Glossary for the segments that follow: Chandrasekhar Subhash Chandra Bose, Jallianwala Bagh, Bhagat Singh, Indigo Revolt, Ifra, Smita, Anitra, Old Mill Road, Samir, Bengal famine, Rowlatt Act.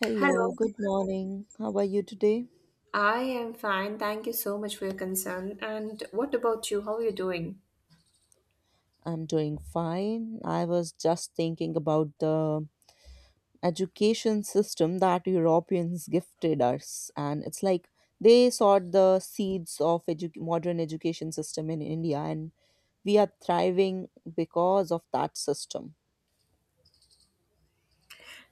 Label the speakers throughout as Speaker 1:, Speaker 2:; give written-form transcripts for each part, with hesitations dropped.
Speaker 1: Hello,
Speaker 2: Hello,
Speaker 1: good morning. How are you today?
Speaker 2: I am fine. Thank you so much for your concern. And what about you? How are you doing?
Speaker 1: I'm doing fine. I was just thinking about the education system that Europeans gifted us, and it's like they sowed the seeds of modern education system in India, and we are thriving because of that system.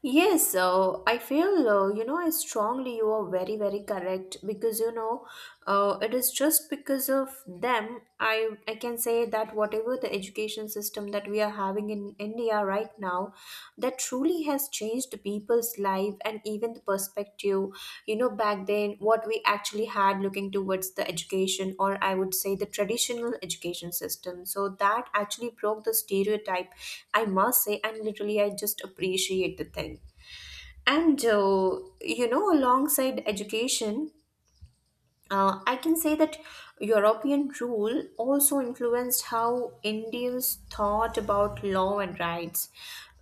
Speaker 2: Yes, so I feel, I strongly you are very, very correct because, it is just because of them. I can say that whatever the education system that we are having in India right now, that truly has changed people's life and even the perspective. You know, back then what we actually had looking towards the education, or I would say the traditional education system, so that actually broke the stereotype, I must say, and literally I just appreciate the thing. And alongside education, I can say that European rule also influenced how Indians thought about law and rights.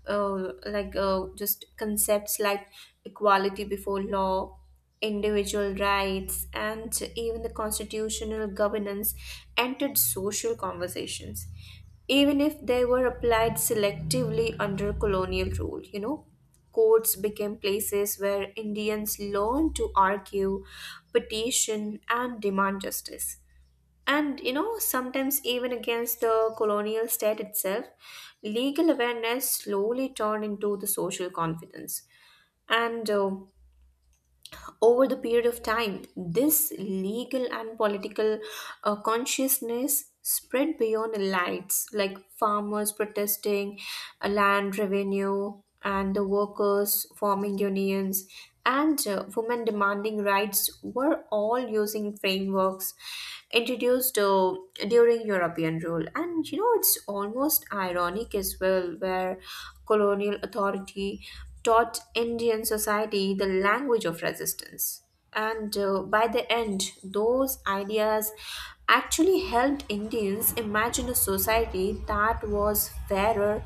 Speaker 2: Just concepts like equality before law, individual rights, and even the constitutional governance entered social conversations, even if they were applied selectively under colonial rule. You know, courts became places where Indians learned to argue, petition, and demand justice. And you know, sometimes even against the colonial state itself, legal awareness slowly turned into the social confidence. And Over the period of time, this legal and political consciousness spread beyond elites, like farmers protesting, land revenue, and the workers forming unions, and women demanding rights were all using frameworks introduced during European rule. And you know, it's almost ironic as well, where colonial authority taught Indian society the language of resistance. And By the end, those ideas actually helped Indians imagine a society that was fairer,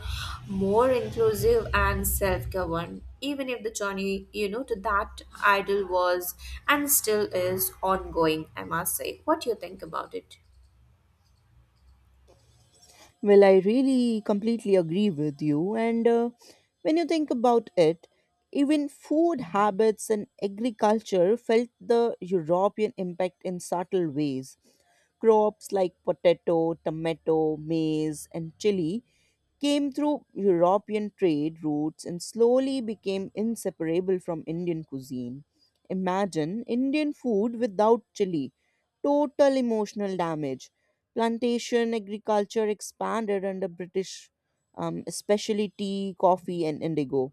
Speaker 2: more inclusive, and self governed, even if the journey, you know, to that ideal was and still is ongoing, I must say. What do you think about it?
Speaker 1: Well, I really completely agree with you. And when you think about it, even food habits and agriculture felt the European impact in subtle ways. Crops like potato, tomato, maize, and chili came through European trade routes and slowly became inseparable from Indian cuisine. Imagine Indian food without chili, total emotional damage. Plantation agriculture expanded under British, especially tea, coffee, and indigo,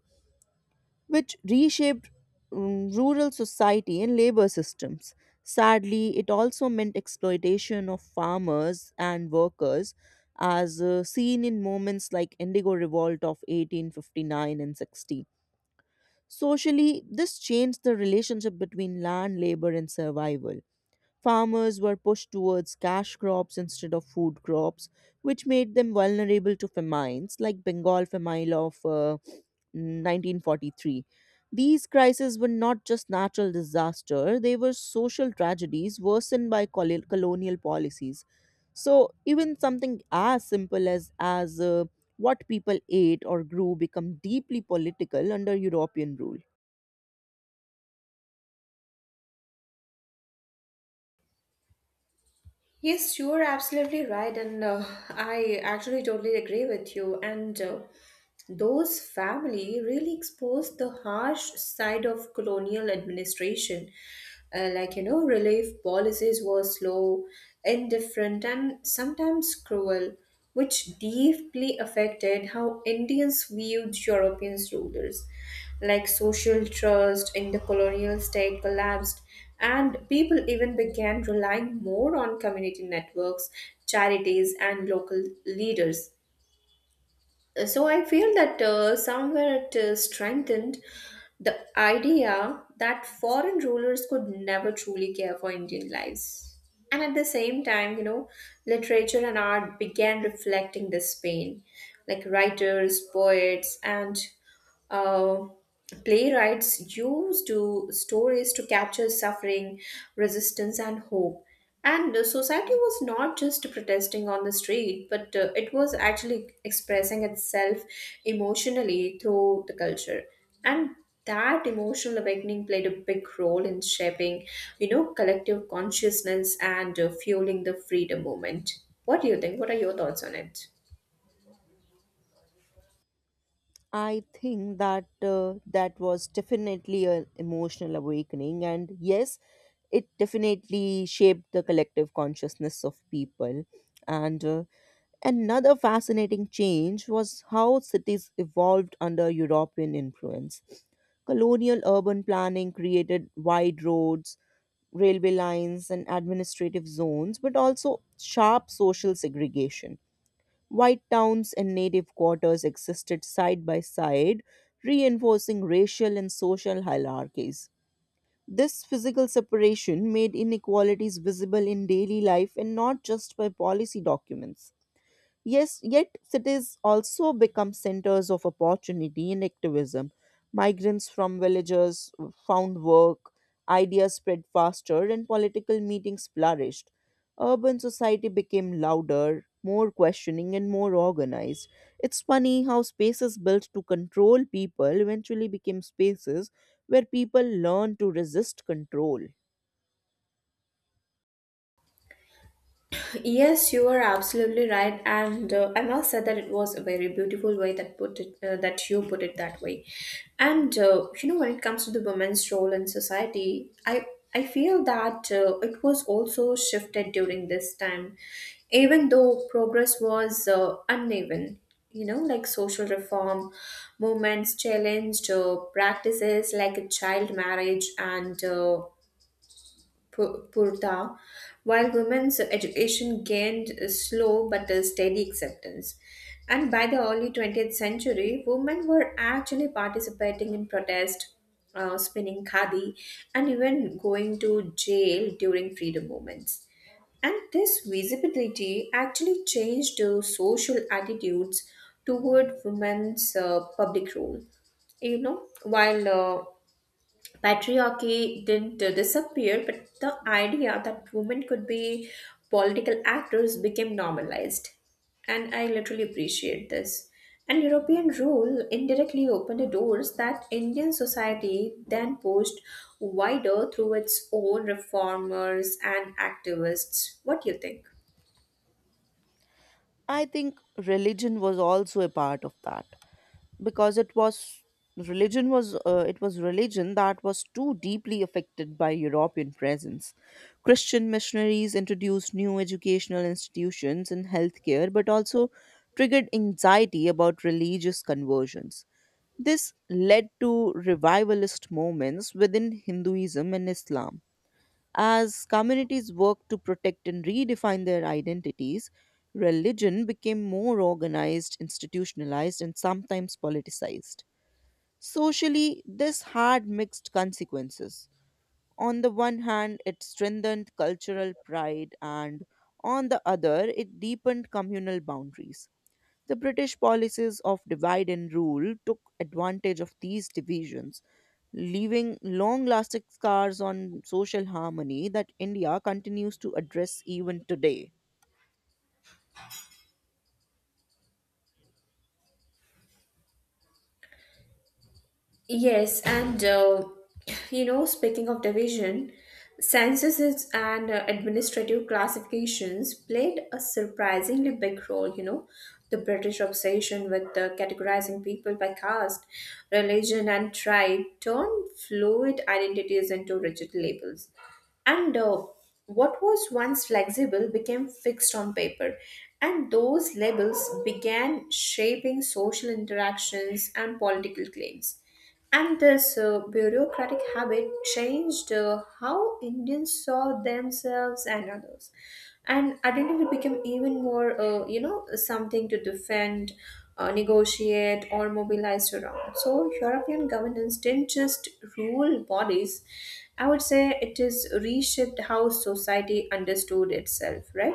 Speaker 1: which reshaped rural society and labor systems. Sadly, it also meant exploitation of farmers and workers, as seen in moments like Indigo Revolt of 1859 and 60. Socially, this changed the relationship between land, labor, and survival. Farmers were pushed towards cash crops instead of food crops, which made them vulnerable to famines like Bengal famine of 1943. These crises were not just natural disaster, they were social tragedies worsened by colonial policies. So even something as simple as what people ate or grew become deeply political under European rule.
Speaker 2: Yes, you're absolutely right, and I actually totally agree with you. And Those family really exposed the harsh side of colonial administration. Like, you know, relief policies were slow, indifferent, and sometimes cruel, which deeply affected how Indians viewed Europeans' rulers. Like social trust in the colonial state collapsed, and people even began relying more on community networks, charities, and local leaders. So I feel that somewhere it strengthened the idea that foreign rulers could never truly care for Indian lives. And at the same time, you know, literature and art began reflecting this pain. Like writers, poets, and uh, playwrights used to stories to capture suffering, resistance, and hope. And Society was not just protesting on the street, but it was actually expressing itself emotionally through the culture. And that emotional awakening played a big role in shaping, you know, collective consciousness, and fueling the freedom movement. What do you think? What are your thoughts on it?
Speaker 1: I think that was definitely an emotional awakening, and yes, it definitely shaped the collective consciousness of people. And another fascinating change was how cities evolved under European influence. Colonial urban planning created wide roads, railway lines, and administrative zones, but also sharp social segregation. White towns and native quarters existed side by side, reinforcing racial and social hierarchies. This physical separation made inequalities visible in daily life and not just by policy documents. Yes, yet cities also become centers of opportunity and activism. Migrants from villages found work, ideas spread faster, and political meetings flourished. Urban society became louder, more questioning, and more organized. It's funny how spaces built to control people eventually became spaces where people learned to resist control.
Speaker 2: Yes, you are absolutely right, and I must say that it was a very beautiful way that put it that you put it that way. And You know, when it comes to the women's role in society, I feel that it was also shifted during this time, even though progress was uneven. You know, like social reform movements challenged practices like child marriage and Purta, while women's education gained a slow but a steady acceptance. And by the early 20th century, women were actually participating in protest, spinning khadi, and even going to jail during freedom movements. And this visibility actually changed the social attitudes toward women's public role, you know, while patriarchy didn't disappear, but the idea that women could be political actors became normalized. And I literally appreciate this. And European rule indirectly opened the doors that Indian society then pushed wider through its own reformers and activists. What do you think?
Speaker 1: I think religion was also a part of that, because it was religion that was too deeply affected by European presence. Christian missionaries introduced new educational institutions and healthcare, but also triggered anxiety about religious conversions. This led to revivalist movements within Hinduism and Islam. As communities worked to protect and redefine their identities, religion became more organized, institutionalized, and sometimes politicized. Socially, this had mixed consequences. On the one hand, it strengthened cultural pride, and on the other, it deepened communal boundaries. The British policies of divide and rule took advantage of these divisions, leaving long lasting scars on social harmony that India continues to address even today.
Speaker 2: Yes, and you know, speaking of division, censuses and administrative classifications played a surprisingly big role. You know, the British obsession with categorizing people by caste, religion, and tribe turned fluid identities into rigid labels. And What was once flexible became fixed on paper. And those labels began shaping social interactions and political claims. And this bureaucratic habit changed how Indians saw themselves and others. And identity became even more, you know, something to defend, negotiate, or mobilize around. So, European governance didn't just rule bodies, I would say it is reshaped how society understood itself, right?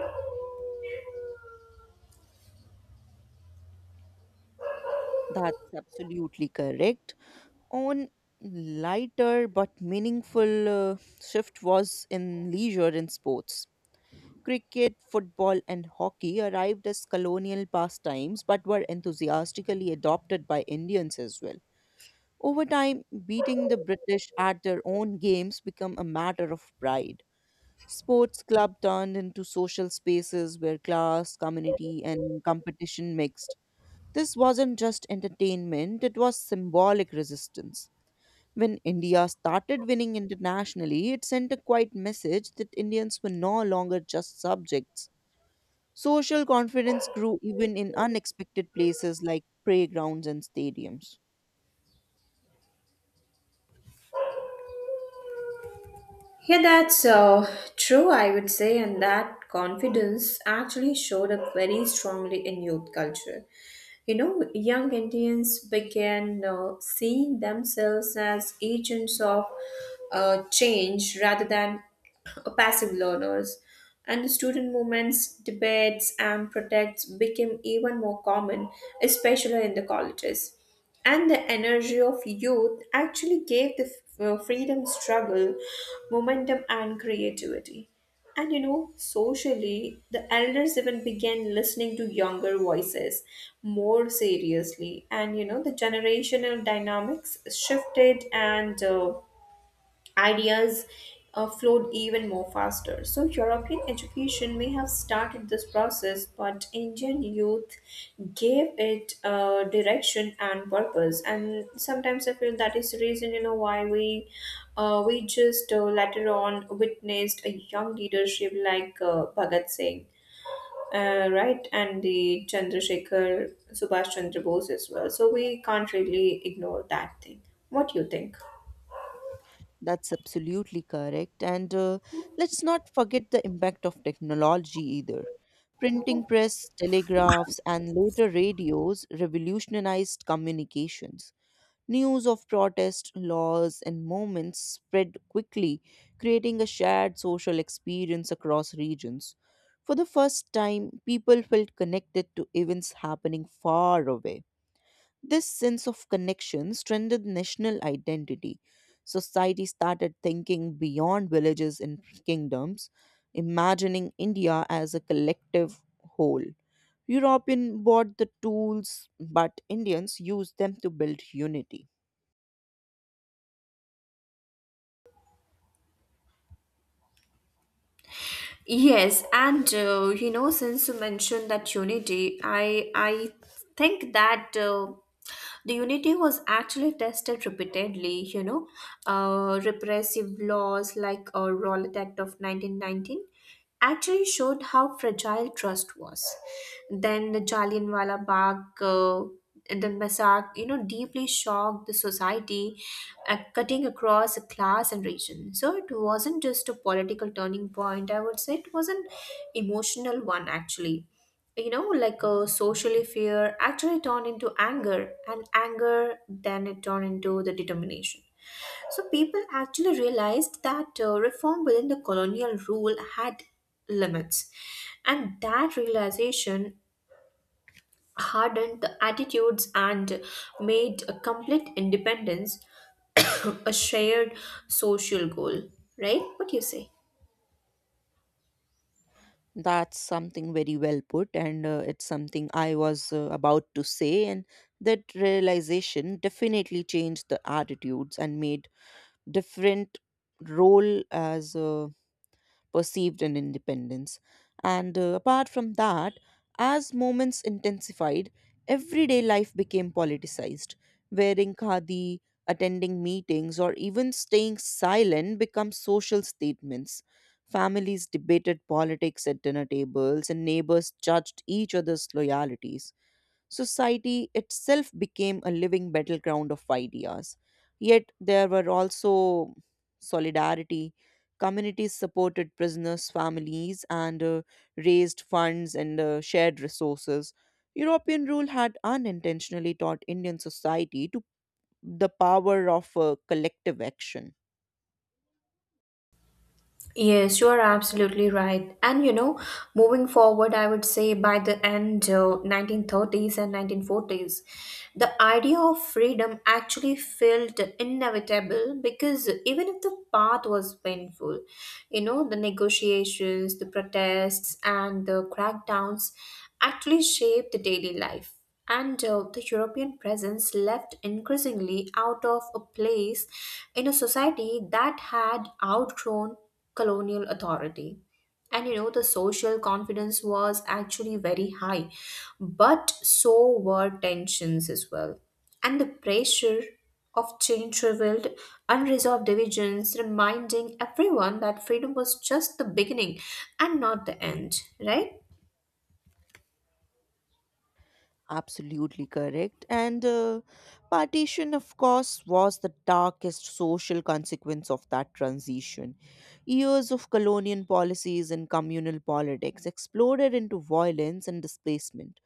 Speaker 1: That's absolutely correct. On lighter but meaningful shift was in leisure and sports. Cricket, football, and hockey arrived as colonial pastimes but were enthusiastically adopted by Indians as well. Over time, beating the British at their own games became a matter of pride. Sports club turned into social spaces where class, community, and competition mixed. This wasn't just entertainment, it was symbolic resistance. When India started winning internationally, it sent a quiet message that Indians were no longer just subjects. Social confidence grew even in unexpected places like playgrounds and stadiums.
Speaker 2: Yeah, that's true, I would say, and that confidence actually showed up very strongly in youth culture. You know, young Indians began seeing themselves as agents of change rather than passive learners. And the student movements, debates, and protests became even more common, especially in the colleges. And the energy of youth actually gave the freedom struggle momentum and creativity. And you know, socially, the elders even began listening to younger voices more seriously. And you know, the generational dynamics shifted and ideas flowed even more faster. So, European education may have started this process, but Indian youth gave it direction and purpose. And sometimes I feel that is the reason, you know, why we just later on witnessed a young leadership like Bhagat Singh. Right, and the Chandrasekhar Subhash Chandra Bose as well. So we can't really ignore that thing. What do you think?
Speaker 1: That's absolutely correct. And let's not forget the impact of technology either. Printing press, telegraphs, and later radios revolutionized communications. News of protests, laws, and movements spread quickly, creating a shared social experience across regions. For the first time, people felt connected to events happening far away. This sense of connection strengthened national identity. Society started thinking beyond villages and kingdoms, imagining India as a collective whole. European bought the tools, but Indians used them to build unity.
Speaker 2: Yes, and you know, since you mentioned that unity, I think that the unity was actually tested repeatedly. You know, repressive laws like Rowlatt Act of 1919 actually showed how fragile trust was. Then the Jallianwala Bagh. The massacre, you know, deeply shocked the society, cutting across class and region. So it wasn't just a political turning point. I would say it was an emotional one, actually. You know, like a socially fear actually turned into anger, and anger then it turned into the determination. So people actually realized that reform within the colonial rule had limits, and that realization hardened the attitudes and made a complete independence a shared social goal, right? What do you say?
Speaker 1: That's something very well put, and it's something I was about to say. And that realization definitely changed the attitudes and made different role as a perceived in independence. And apart from that, as moments intensified, everyday life became politicized. Wearing khadi, attending meetings, or even staying silent become social statements. Families debated politics at dinner tables, and neighbors judged each other's loyalties. Society itself became a living battleground of ideas. Yet there were also solidarity. Communities supported prisoners' families and raised funds and shared resources. European rule had unintentionally taught Indian society to the power of collective action.
Speaker 2: Yes, you are absolutely right. And you know, moving forward, I would say by the end 1930s and 1940s, the idea of freedom actually felt inevitable, because even if the path was painful, you know, the negotiations, the protests, and the crackdowns actually shaped the daily life. And The European presence left increasingly out of a place in a society that had outgrown colonial authority. And you know, the social confidence was actually very high, but so were tensions as well. And the pressure of change revealed unresolved divisions, reminding everyone that freedom was just the beginning and not the end, right?
Speaker 1: Absolutely correct. And partition, of course, was the darkest social consequence of that transition. Years of colonial policies and communal politics exploded into violence and displacement.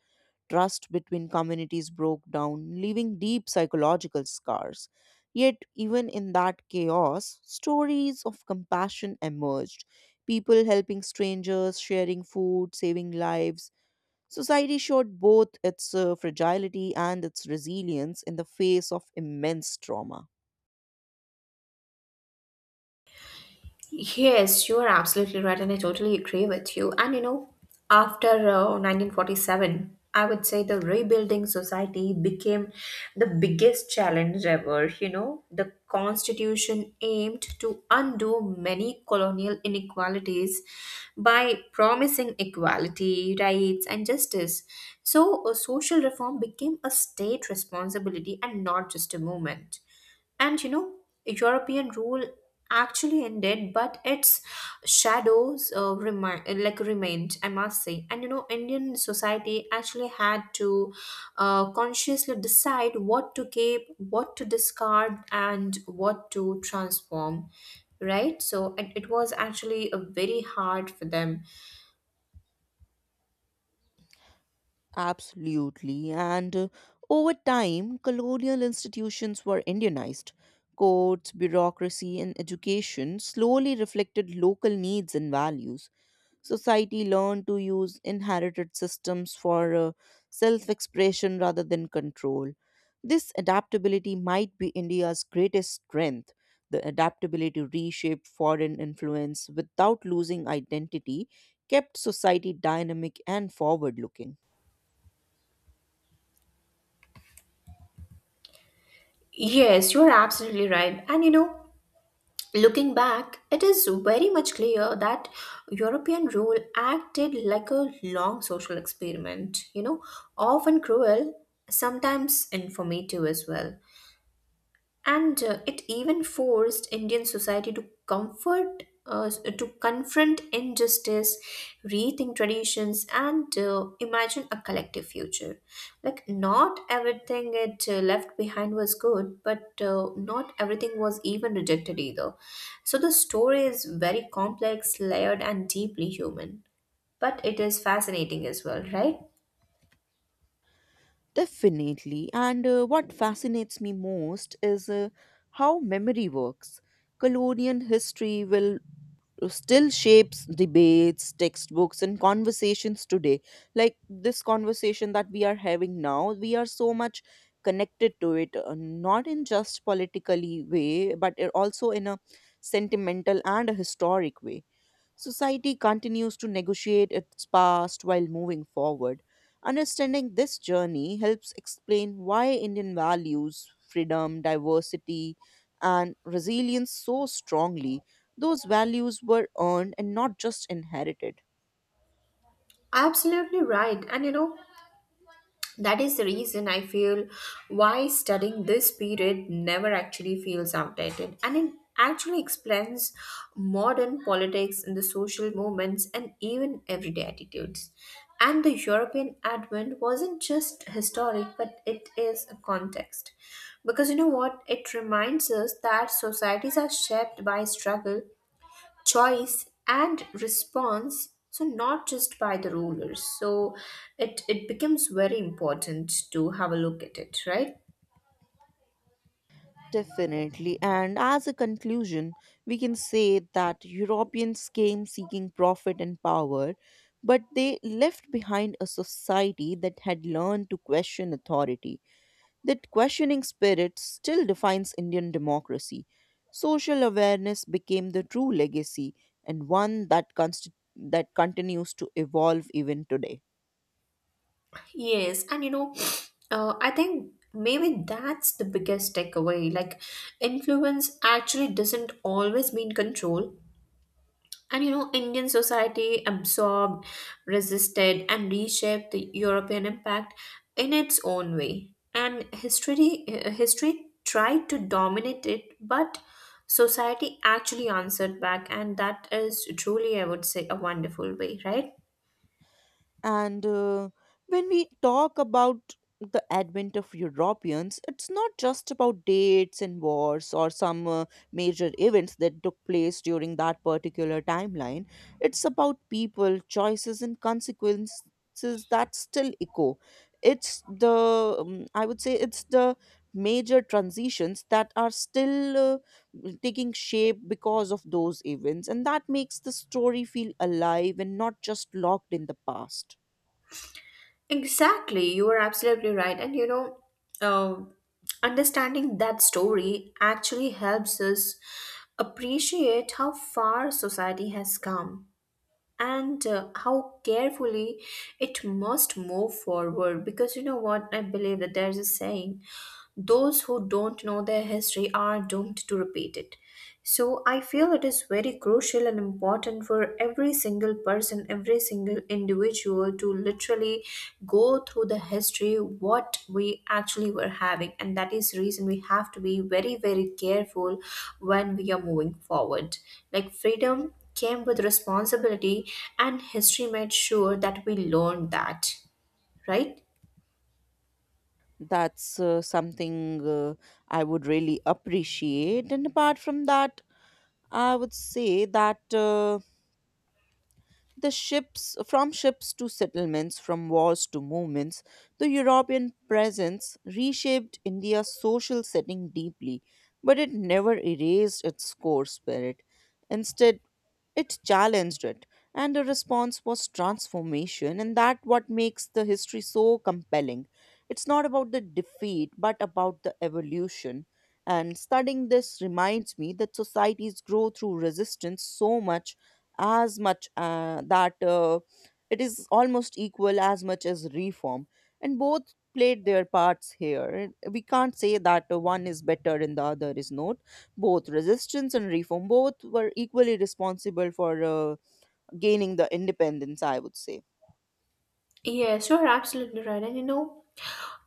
Speaker 1: Trust between communities broke down, leaving deep psychological scars. Yet, even in that chaos, stories of compassion emerged. People helping strangers, sharing food, saving lives. Society showed both its fragility and its resilience in the face of immense trauma.
Speaker 2: Yes, you are absolutely right, and I totally agree with you. And you know, after 1947, I would say the rebuilding society became the biggest challenge ever. You know, the constitution aimed to undo many colonial inequalities by promising equality, rights, and justice. So, social reform became a state responsibility and not just a movement. And you know, European rule actually ended, but its shadows remained. I must say, and you know, Indian society actually had to consciously decide what to keep, what to discard, and what to transform. Right, so it was actually a very hard for them.
Speaker 1: Absolutely. And over time, colonial institutions were Indianized. Courts, bureaucracy, and education slowly reflected local needs and values. Society learned to use inherited systems for self expression rather than control. This adaptability might be India's greatest strength. The adaptability to reshape foreign influence without losing identity kept society dynamic and forward looking.
Speaker 2: Yes, you're absolutely right, and you know. Looking back, it is very much clear that European rule acted like a long social experiment, you know, often cruel, sometimes informative as well. And It even forced Indian society to confront injustice, rethink traditions, and imagine a collective future. Like, not everything it left behind was good, but not everything was even rejected either. So the story is very complex, layered, and deeply human, but it is fascinating as well, right?
Speaker 1: Definitely. And what fascinates me most is how memory works. Colonial history will still shapes debates, textbooks, and conversations today. Like this conversation that we are having now, we are so much connected to it, not in just politically way, but also in a sentimental and a historic way. Society continues to negotiate its past while moving forward. Understanding this journey helps explain why Indian values, freedom, diversity, and resilience so strongly. Those values were earned and not just inherited.
Speaker 2: Absolutely right, and you know, that is the reason I feel why studying this period never actually feels outdated. And it actually explains modern politics and the social movements and even everyday attitudes. And the European advent wasn't just historic, but it is a context. Because you know what? It reminds us that societies are shaped by struggle, choice, and response, so not just by the rulers. So it becomes very important to have a look at it, right?
Speaker 1: Definitely. And as a conclusion, we can say that Europeans came seeking profit and power, but they left behind a society that had learned to question authority. That questioning spirit still defines Indian democracy. Social awareness became the true legacy, and one that continues to evolve even today.
Speaker 2: Yes, and you know, I think maybe that's the biggest takeaway. Like, influence actually doesn't always mean control. And you know, Indian society absorbed, resisted, and reshaped the European impact in its own way. And history tried to dominate it, but society actually answered back, and that is truly, I would say, a wonderful way, right?
Speaker 1: And when we talk about the advent of Europeans, it's not just about dates and wars or some major events that took place during that particular timeline. It's about people, choices, and consequences that still echo. I would say, it's the major transitions that are still taking shape because of those events. And that makes the story feel alive and not just locked in the past.
Speaker 2: Exactly, you are absolutely right. And uh, understanding that story actually helps us appreciate how far society has come and how carefully it must move forward, because you know what, I believe that there's a saying, those who don't know their history are doomed to repeat it. So I feel it is very crucial and important for every single person, every single individual to literally go through the history what we actually were having and that is reason we have to be very very careful when we are moving forward. Like freedom came with responsibility and history made sure that we learned that, right?
Speaker 1: That's something I would really appreciate. And apart from that, I would say that the ships, from ships to settlements, from wars to movements, the European presence reshaped India's social setting deeply, but it never erased its core spirit. Instead, it challenged it, and the response was transformation, and that what makes the history so compelling. It's not about the defeat but about the evolution. And studying this reminds me that societies grow through resistance so much as much that it is almost equal as much as reform, and both played their parts here. We can't say that one is better and the other is not. Both resistance and reform, both were equally responsible for gaining the independence, I would say.
Speaker 2: Yes, you're absolutely right. And you know,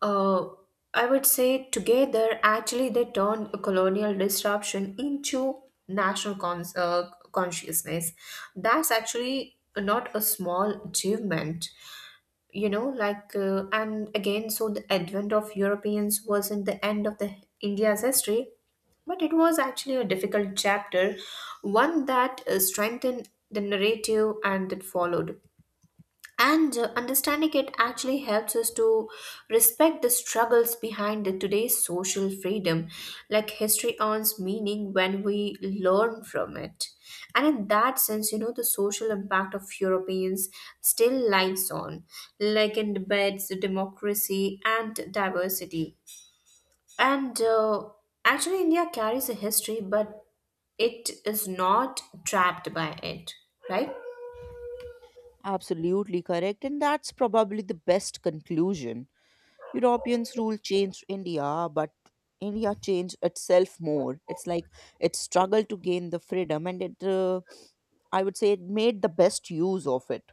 Speaker 2: uh, I would say together, actually, they turned a colonial disruption into national consciousness. That's actually not a small achievement. You know, and again, so the advent of Europeans wasn't the end of the India's history, but it was actually a difficult chapter, one that strengthened the narrative and that followed and understanding it actually helps us to respect the struggles behind the today's social freedom, like history earns meaning when we learn from it. And in that sense, you know, the social impact of Europeans still lies on, like in debates, democracy and diversity. And Actually, India carries a history but it is not trapped by it, right?
Speaker 1: Absolutely correct, and that's probably the best conclusion. Europeans' rule changed India, but India changed itself more. It's like it struggled to gain the freedom, and it I would say it made the best use of it.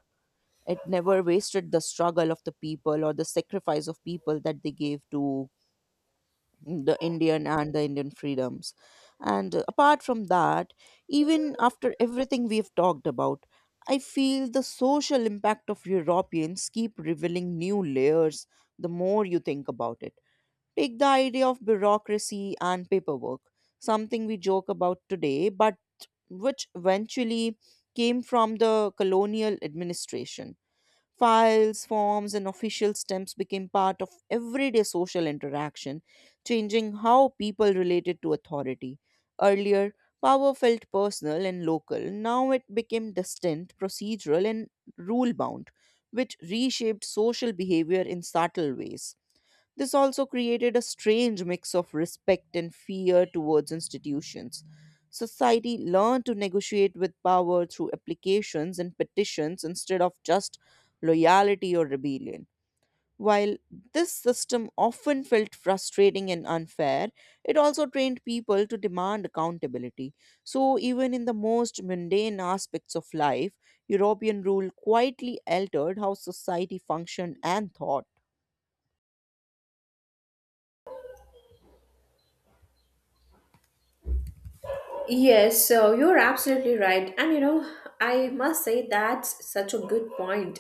Speaker 1: It never wasted the struggle of the people or the sacrifice of people that they gave to the Indian and the Indian freedoms. And apart from that, even after everything we've talked about, I feel the social impact of Europeans keep revealing new layers the more you think about it. Take the idea of bureaucracy and paperwork, something we joke about today, but which eventually came from the colonial administration. Files, forms, and official stamps became part of everyday social interaction, changing how people related to authority. Earlier, power felt personal and local. Now it became distant, procedural, and rule bound, which reshaped social behavior in subtle ways. This also created a strange mix of respect and fear towards institutions. Society learned to negotiate with power through applications and petitions instead of just loyalty or rebellion. While this system often felt frustrating and unfair, it also trained people to demand accountability. So, even in the most mundane aspects of life, European rule quietly altered how society functioned and thought.
Speaker 2: Yes, so you're absolutely right. And you know, I must say that's such a good point.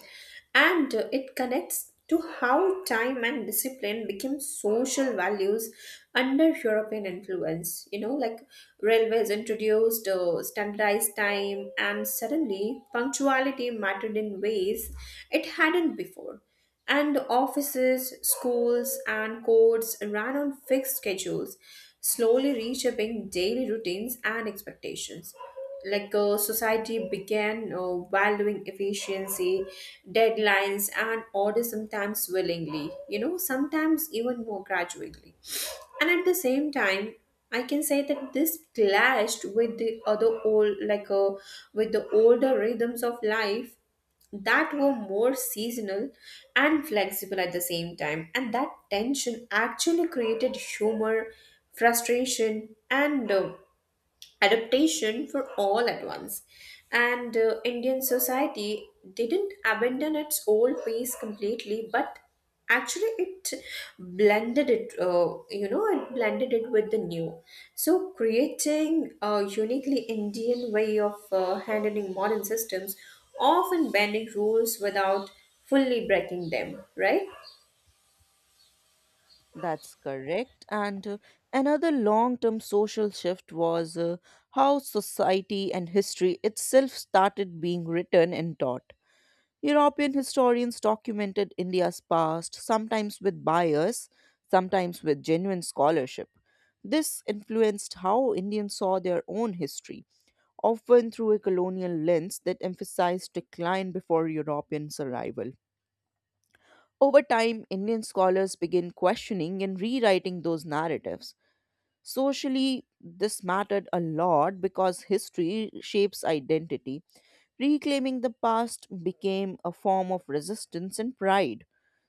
Speaker 2: And it connects to how time and discipline became social values under European influence. You know, like railways introduced standardized time, and suddenly punctuality mattered in ways it hadn't before. And offices, schools, and courts ran on fixed schedules, slowly reshaping daily routines and expectations. Society began valuing efficiency, deadlines, and order, sometimes willingly, you know, sometimes even more gradually. And at the same time, I can say that this clashed with the other old, with the older rhythms of life that were more seasonal and flexible at the same time. And that tension actually created humor, frustration, and adaptation for all at once. And Indian society didn't abandon its old ways completely, but actually it blended it with the new. So creating a uniquely Indian way of handling modern systems, often bending rules without fully breaking them, right?
Speaker 1: That's correct. And another long term social shift was how society and history itself started being written and taught. European historians documented India's past, sometimes with bias, sometimes with genuine scholarship. This influenced how Indians saw their own history, often through a colonial lens that emphasized decline before Europeans' arrival. Over time, Indian scholars began questioning and rewriting those narratives. Socially, this mattered a lot because history shapes identity. Reclaiming the past became a form of resistance and pride.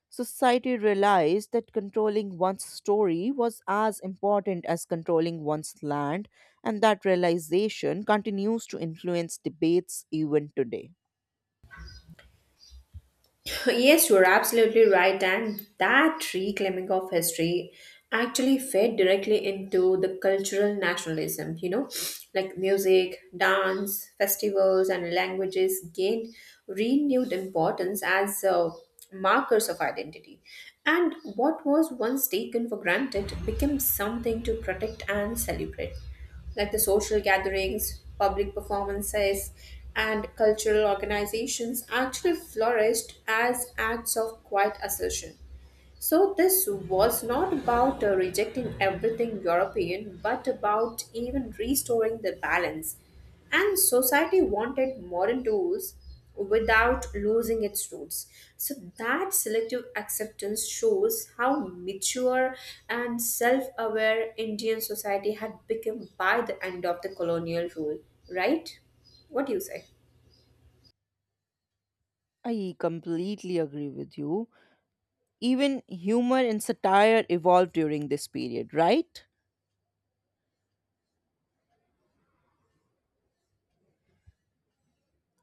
Speaker 1: Society realized that controlling one's story was as important as controlling one's land, and that realization continues to influence debates even today.
Speaker 2: Yes, you're absolutely right, and that reclaiming of history actually fed directly into the cultural nationalism, you know, like music, dance, festivals, and languages gained renewed importance as markers of identity. And what was once taken for granted became something to protect and celebrate, like the social gatherings, public performances, and cultural organizations actually flourished as acts of quiet assertion. So this was not about rejecting everything European, but about even restoring the balance. And society wanted modern tools without losing its roots. So that selective acceptance shows how mature and self aware Indian society had become by the end of the colonial rule, right? What do you say?
Speaker 1: I completely agree with you. Even humor and satire evolved during this period, right?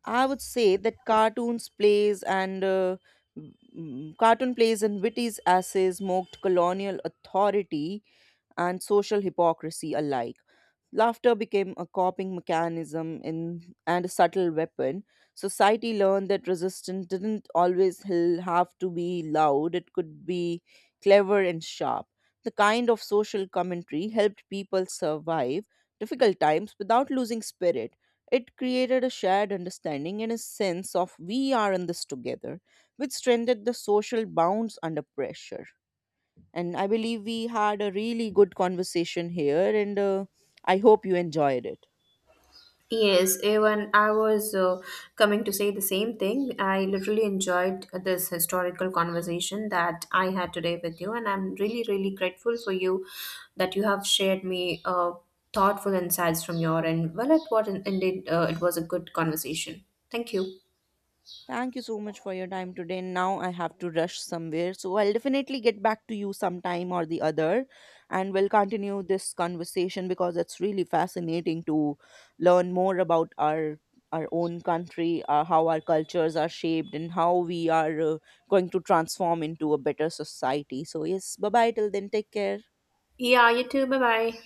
Speaker 1: I would say that cartoon plays and Witty's essays mocked colonial authority and social hypocrisy alike. Laughter became a coping mechanism and a subtle weapon. Society learned that resistance didn't always have to be loud, it could be clever and sharp. The kind of social commentary helped people survive difficult times without losing spirit. It created a shared understanding and a sense of we are in this together, which strengthened the social bonds under pressure. And I believe we had a really good conversation here, and I hope you enjoyed it.
Speaker 2: Yes, even I was coming to say the same thing. I literally enjoyed this historical conversation that I had today with you, and I'm really, really grateful for you that you have shared me thoughtful insights from your end. Well, it was indeed it was a good conversation. Thank you.
Speaker 1: Thank you so much for your time today. Now I have to rush somewhere. So I'll definitely get back to you sometime or the other, and we'll continue this conversation because it's really fascinating to learn more about our own country, how our cultures are shaped and how we are going to transform into a better society. So yes, bye-bye till then. Take care.
Speaker 2: Yeah, you too. Bye bye.